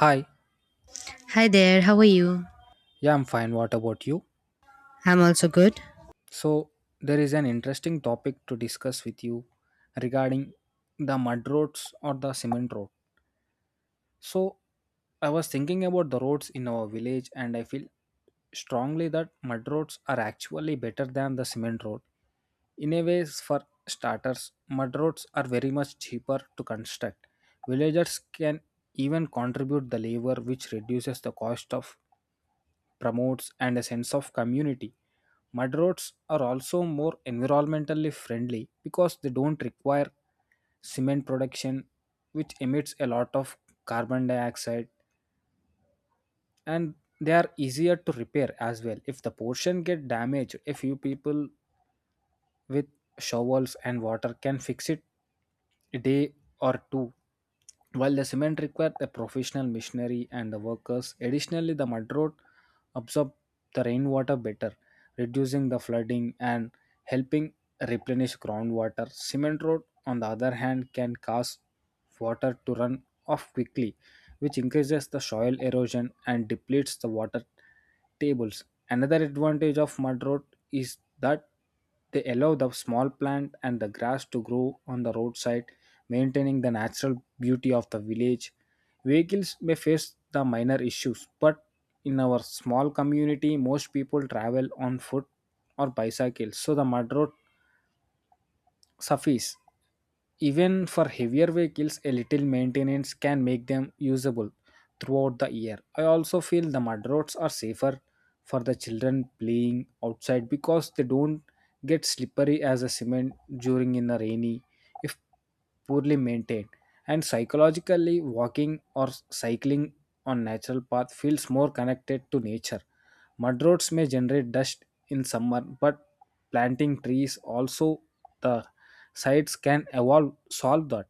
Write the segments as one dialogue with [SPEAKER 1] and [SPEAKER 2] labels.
[SPEAKER 1] Hi,
[SPEAKER 2] Hi there, how are you?
[SPEAKER 1] yeah, I'm fine. What about you?
[SPEAKER 2] I'm also good.
[SPEAKER 1] So, there is an interesting topic to discuss with you regarding the mud roads or the cement road. So, I was thinking about the roads in our village, and I feel strongly that mud roads are actually better than the cement road. In a way, for starters, mud roads are very much cheaper to construct. Villagers can even contribute the labor, which reduces the cost of promotes and a sense of community. Mud roads are also more environmentally friendly because they don't require cement production, which emits a lot of carbon dioxide, and they are easier to repair as well. If the portion get damaged, a few people with shovels and water can fix it a day or two while the cement required a professional machinery and the workers additionally the mud road absorb the rainwater better reducing the flooding and helping replenish groundwater cement road on the other hand can cause water to run off quickly which increases the soil erosion and depletes the water tables another advantage of mud road is that they allow the small plant and the grass to grow on the roadside, maintaining the natural beauty of the village. Vehicles may face the minor issues, but in our small community, most people travel on foot or bicycles, so the mud road suffices. Even for heavier vehicles, a little maintenance can make them usable throughout the year. I also feel the mud roads are safer for the children playing outside because they don't get slippery as a cement during in a rainy if poorly maintained. And psychologically, walking or cycling on natural path feels more connected to nature. Mud roads may generate dust in summer, but planting trees also the sites can evolve solve that,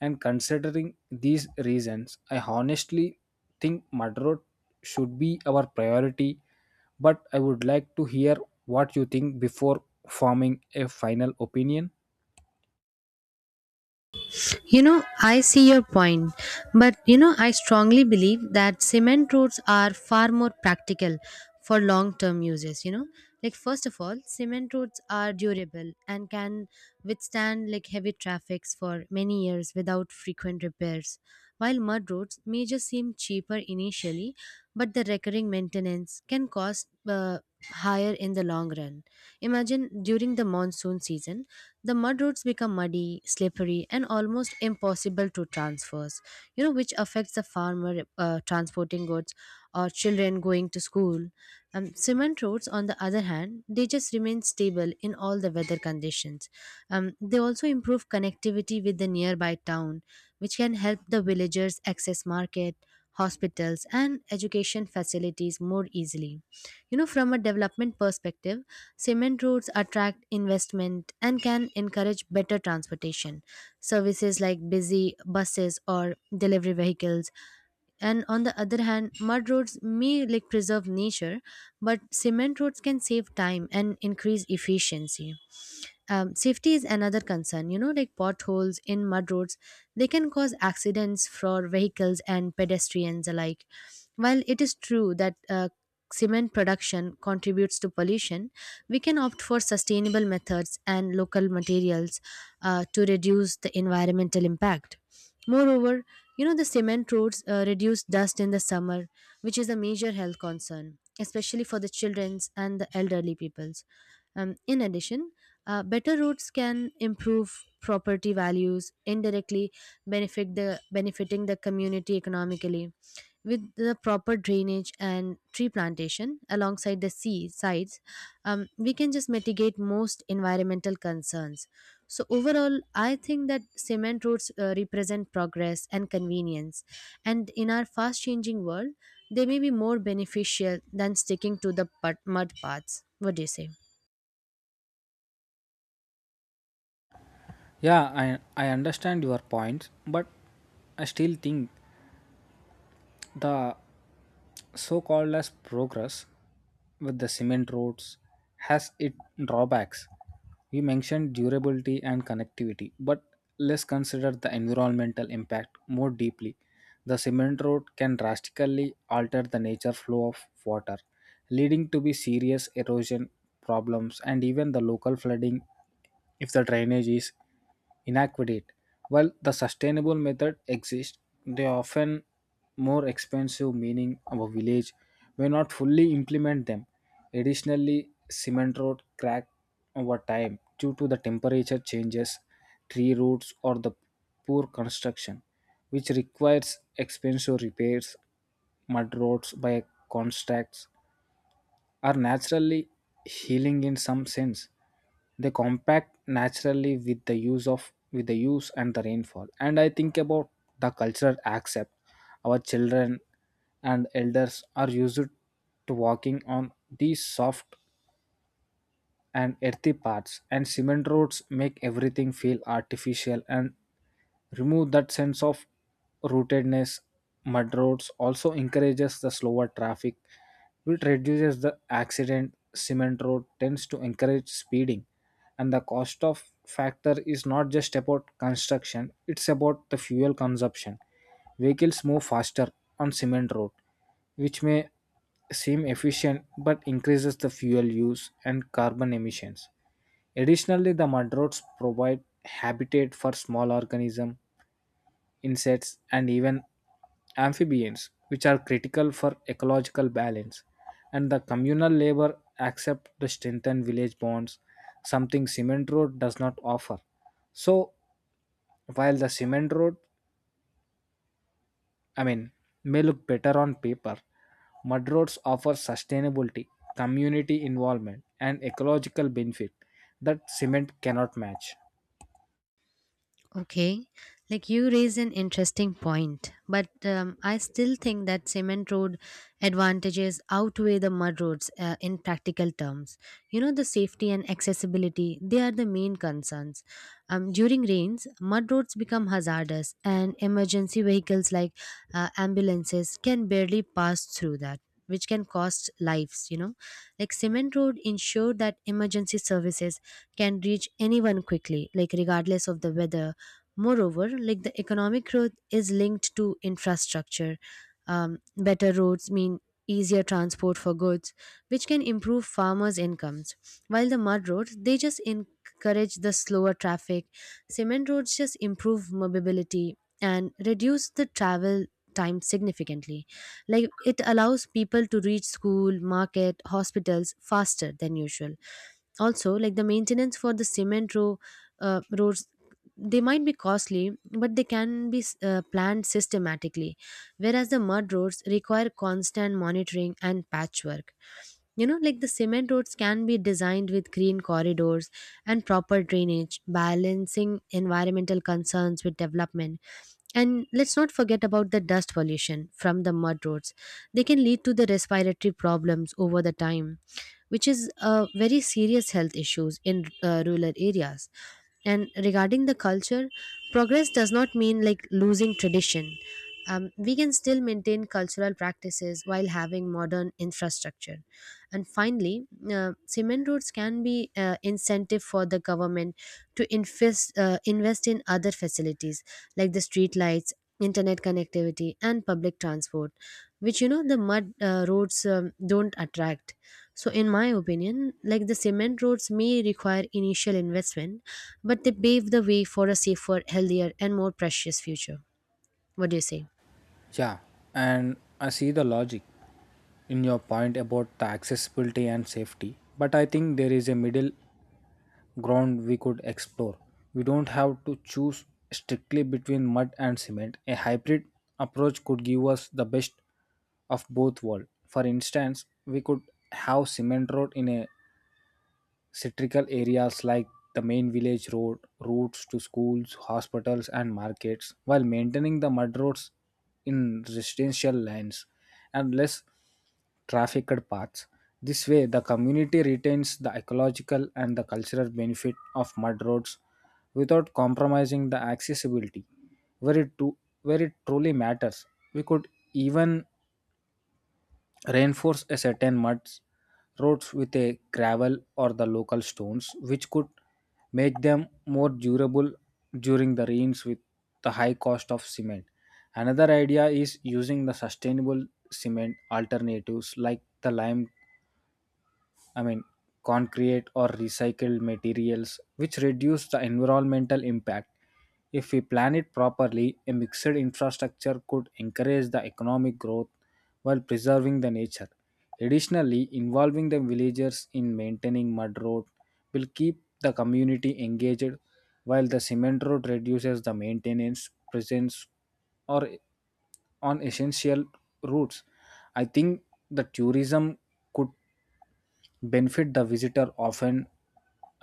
[SPEAKER 1] and considering these reasons I honestly think mud road should be our priority, but I would like to hear what you think before forming a final opinion.
[SPEAKER 2] You know, I see your point, but you know, I strongly believe that cement roads are far more practical for long term uses. You know, like first of all, cement roads are durable and can withstand like heavy traffics for many years without frequent repairs. While mud roads may just seem cheaper initially, but the recurring maintenance can cost higher in the long run. Imagine during the monsoon season, the mud roads become muddy, slippery, and almost impossible to transverse, you know, which affects the farmer transporting goods or children going to school. Cement roads, on the other hand, they just remain stable in all the weather conditions. They also improve connectivity with the nearby town, which can help the villagers access market, hospitals, and education facilities more easily. You know, from a development perspective, cement roads attract investment and can encourage better transportation. Services like busy buses or delivery vehicles, and on the other hand, mud roads may like preserve nature, but cement roads can save time and increase efficiency. Safety is another concern, you know, like potholes in mud roads, they can cause accidents for vehicles and pedestrians alike. While it is true that cement production contributes to pollution, we can opt for sustainable methods and local materials to reduce the environmental impact. Moreover, you know, the cement roads reduce dust in the summer, which is a major health concern, especially for the children's and the elderly peoples. In addition, better roads can improve property values, indirectly benefiting the community economically. With the proper drainage and tree plantation alongside the sea sides, we can just mitigate most environmental concerns. So overall, I think that cement roads represent progress and convenience, and in our fast-changing world, they may be more beneficial than sticking to the mud paths. What do you say?
[SPEAKER 1] Yeah, I understand your points, but I still think the so called as progress with the cement roads has its drawbacks. We mentioned durability and connectivity, but let's consider the environmental impact more deeply. The cement road can drastically alter the nature flow of water, leading to be serious erosion problems and even the local flooding if the drainage is inadequate. While the sustainable method exists, they often more expensive, meaning our village may not fully implement them. Additionally, cement road crack over time due to the temperature changes, tree roots or the poor construction, which requires expensive repairs. Mud roads by contracts are naturally healing in some sense. They compact naturally with the use and the rainfall. And I think about the cultural accept. Our children and elders are used to walking on these soft and earthy paths, and cement roads make everything feel artificial and remove that sense of rootedness. Mud roads also encourages the slower traffic, which reduces the accident. Cement road tends to encourage speeding, and the cost of factor is not just about construction, it's about the fuel consumption. Vehicles move faster on cement road, which may seem efficient but increases the fuel use and carbon emissions. Additionally, the mudrats provide habitat for small organisms, insects, and even amphibians, which are critical for ecological balance. And the communal labor accept to strengthen village bonds, something cement road does not offer. So, while the cement road, I mean, may look better on paper, mud roads offer sustainability, community involvement, and ecological benefit that cement cannot match.
[SPEAKER 2] Okay, like you raise an interesting point, but I still think that cement road advantages outweigh the mud roads in practical terms. You know, the safety and accessibility, they are the main concerns. During rains, mud roads become hazardous, and emergency vehicles like ambulances can barely pass through that. Which can cost lives, you know. Like cement road ensure that emergency services can reach anyone quickly, like regardless of the weather. Moreover, like the economic growth is linked to infrastructure. Better roads mean easier transport for goods, which can improve farmers' incomes. While the mud roads, they just encourage the slower traffic. Cement roads just improve mobility and reduce the travel time significantly. Like it allows people to reach school, market, hospitals faster than usual. Also, like the maintenance for the cement row roads, they might be costly, but they can be planned systematically, whereas the mud roads require constant monitoring and patchwork. You know, like the cement roads can be designed with green corridors and proper drainage, balancing environmental concerns with development. And let's not forget about the dust pollution from the mud roads. They can lead to the respiratory problems over the time, which is a very serious health issues in rural areas. And regarding the culture, progress does not mean like losing tradition. We can still maintain cultural practices while having modern infrastructure. And finally, cement roads can be incentive for the government to invest in other facilities like the street lights, internet connectivity, and public transport, which you know the mud roads don't attract. So, in my opinion, like the cement roads may require initial investment, but they pave the way for a safer, healthier, and more precious future. What do you say?
[SPEAKER 1] Yeah, and I see the logic in your point about the accessibility and safety, but I think there is a middle ground we could explore. We don't have to choose strictly between mud and cement. A hybrid approach could give us the best of both worlds. For instance, we could have cement road in a Cytrical areas like the main village road, routes to schools, hospitals, and markets, while maintaining the mud roads in residential lanes and less trafficked paths. This way, the community retains the ecological and the cultural benefit of mud roads without compromising the accessibility where it truly matters. We could even reinforce a certain muds roads with a gravel or the local stones, which could make them more durable during the rains with the high cost of cement. Another idea is using the sustainable cement alternatives like the lime, I mean, concrete or recycled materials, which reduce the environmental impact. If we plan it properly, a mixed infrastructure could encourage the economic growth while preserving the nature. Additionally, involving the villagers in maintaining mud road will keep the community engaged, while the cement road reduces the maintenance presence or on essential routes. I think the tourism could benefit. The visitor often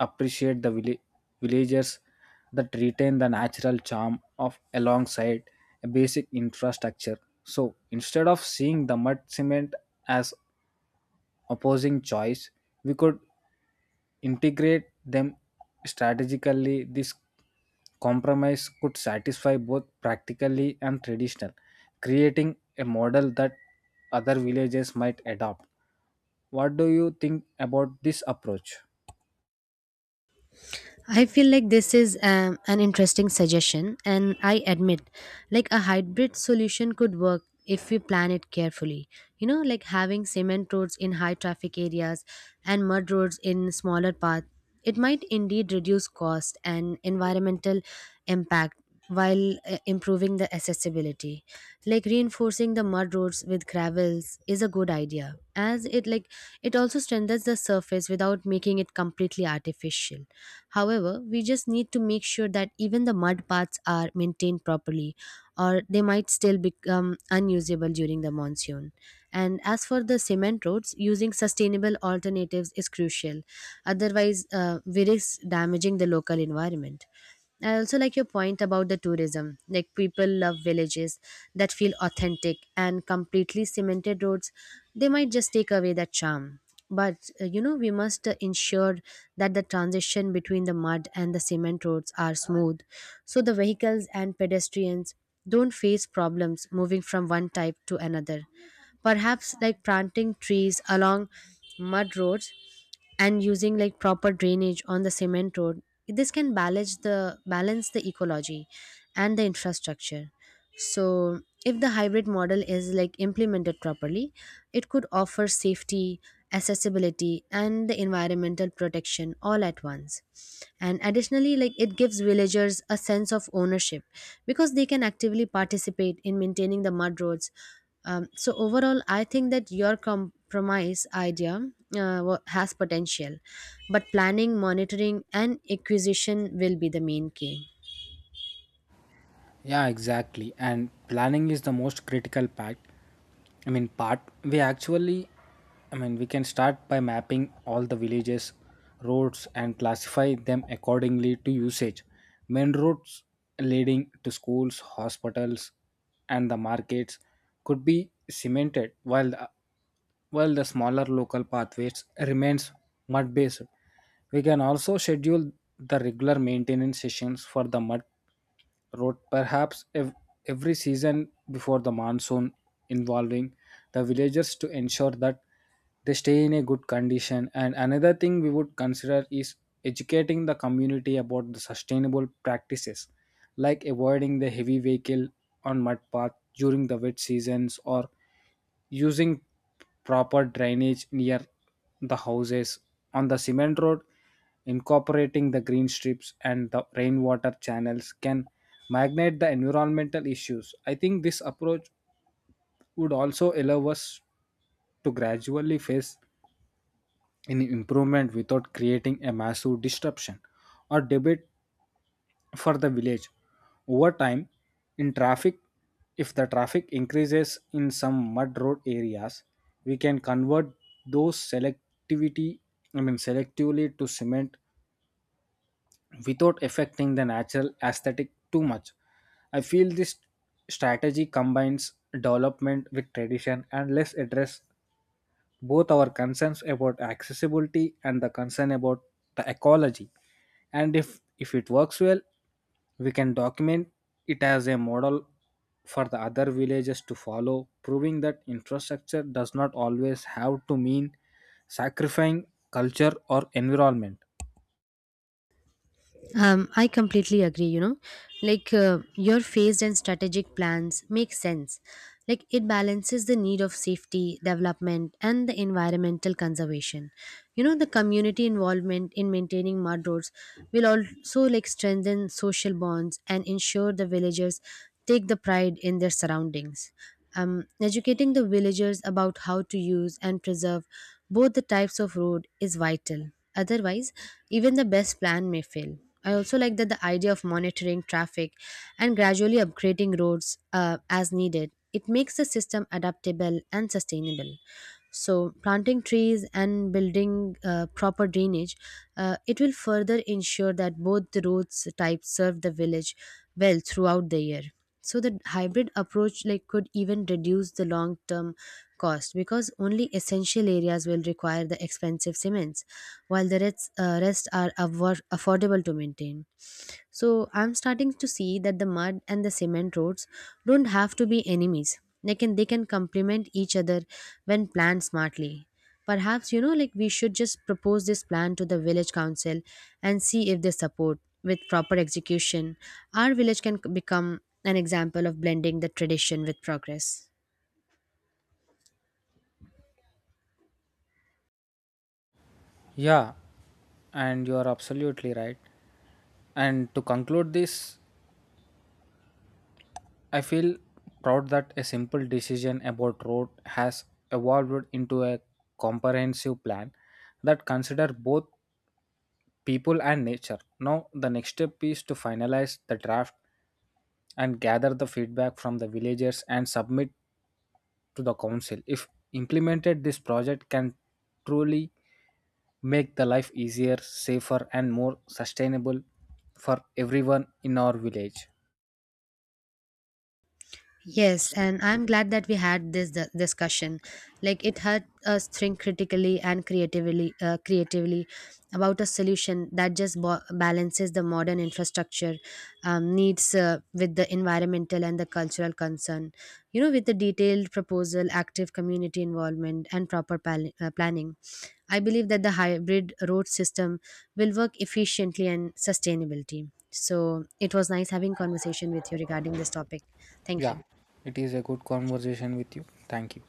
[SPEAKER 1] appreciate the villagers that retain the natural charm of alongside a basic infrastructure. So instead of seeing the mud cement as opposing choice, we could integrate them strategically. This compromise could satisfy both practically and traditional, creating a model that other villages might adopt. What do you think about this approach?
[SPEAKER 2] I feel like this is an interesting suggestion, and I admit, like a hybrid solution could work if we plan it carefully. You know, like having cement roads in high traffic areas and mud roads in smaller paths, it might indeed reduce cost and environmental impact while improving the accessibility. Like reinforcing the mud roads with gravels is a good idea, as it like it also strengthens the surface without making it completely artificial. However, we just need to make sure that even the mud paths are maintained properly, or they might still become unusable during the monsoon. And as for the cement roads, using sustainable alternatives is crucial. Otherwise, we risk damaging the local environment. I also like your point about the tourism. Like people love villages that feel authentic, and completely cemented roads, they might just take away that charm. But you know, we must ensure that the transition between the mud and the cement roads are smooth, so the vehicles and pedestrians don't face problems moving from one type to another. Perhaps like planting trees along mud roads and using like proper drainage on the cement road, this can balance the ecology and the infrastructure. So if the hybrid model is like implemented properly, it could offer safety, accessibility, and the environmental protection all at once. And additionally, like it gives villagers a sense of ownership because they can actively participate in maintaining the mud roads. So overall, I think that your compromise idea has potential, but planning, monitoring, and acquisition will be the main key.
[SPEAKER 1] Yeah, exactly. And planning is the most critical part. I mean, part we actually, I mean, we can start by mapping all the villages, roads, and classify them accordingly to usage. Main roads leading to schools, hospitals, and the markets could be cemented, while while the smaller local pathways remains mud based. We can also schedule the regular maintenance sessions for the mud Wrote, perhaps every season before the monsoon, involving the villagers to ensure that they stay in a good condition. And another thing we would consider is educating the community about the sustainable practices, like avoiding the heavy vehicle on mud path during the wet seasons or using proper drainage near the houses. On the cement road, incorporating the green strips and the rainwater channels can magnate the environmental issues. I think this approach would also allow us to gradually face an improvement without creating a massive disruption or debate for the village. Over time in traffic, if the traffic increases in some mud road areas, we can convert those selectivity I mean selectively to cement without affecting the natural aesthetic too much. I feel this strategy combines development with tradition and less address both our concerns about accessibility and the concern about the ecology. And if it works well, we can document it as a model for the other villages to follow, proving that infrastructure does not always have to mean sacrificing culture or environment.
[SPEAKER 2] I completely agree, you know. Like your phased and strategic plans make sense. Like it balances the need of safety, development, and the environmental conservation. You know, the community involvement in maintaining mud roads will also like strengthen social bonds and ensure the villagers take the pride in their surroundings. Educating the villagers about how to use and preserve both the types of road is vital. Otherwise, even the best plan may fail. I also like that the idea of monitoring traffic and gradually upgrading roads as needed. It makes the system adaptable and sustainable. So, planting trees and building proper drainage, it will further ensure that both the roads types serve the village well throughout the year. So, the hybrid approach like could even reduce the long term cost because only essential areas will require the expensive cements, while the rest are affordable to maintain. So I'm starting to see that the mud and the cement roads don't have to be enemies. They can complement each other when planned smartly. Perhaps you know like we should just propose this plan to the village council and see if they support with proper execution. Our village can become an example of blending the tradition with progress.
[SPEAKER 1] Yeah, and you are absolutely right. And to conclude this, I feel proud that a simple decision about road has evolved into a comprehensive plan that consider both people and nature. Now the next step is to finalize the draft and gather the feedback from the villagers and submit to the council. If implemented, this project can truly make the life easier, safer and more sustainable for everyone in our village.
[SPEAKER 2] Yes, and I'm glad that we had this discussion. Like it helped us think critically and creatively, about a solution that just balances the modern infrastructure needs with the environmental and the cultural concern. You know, with the detailed proposal, active community involvement, and proper planning, I believe that the hybrid road system will work efficiently and sustainability. So it was nice having conversation with you regarding this topic. Thank
[SPEAKER 1] Yeah,
[SPEAKER 2] you.
[SPEAKER 1] it is a good conversation with you. Thank you.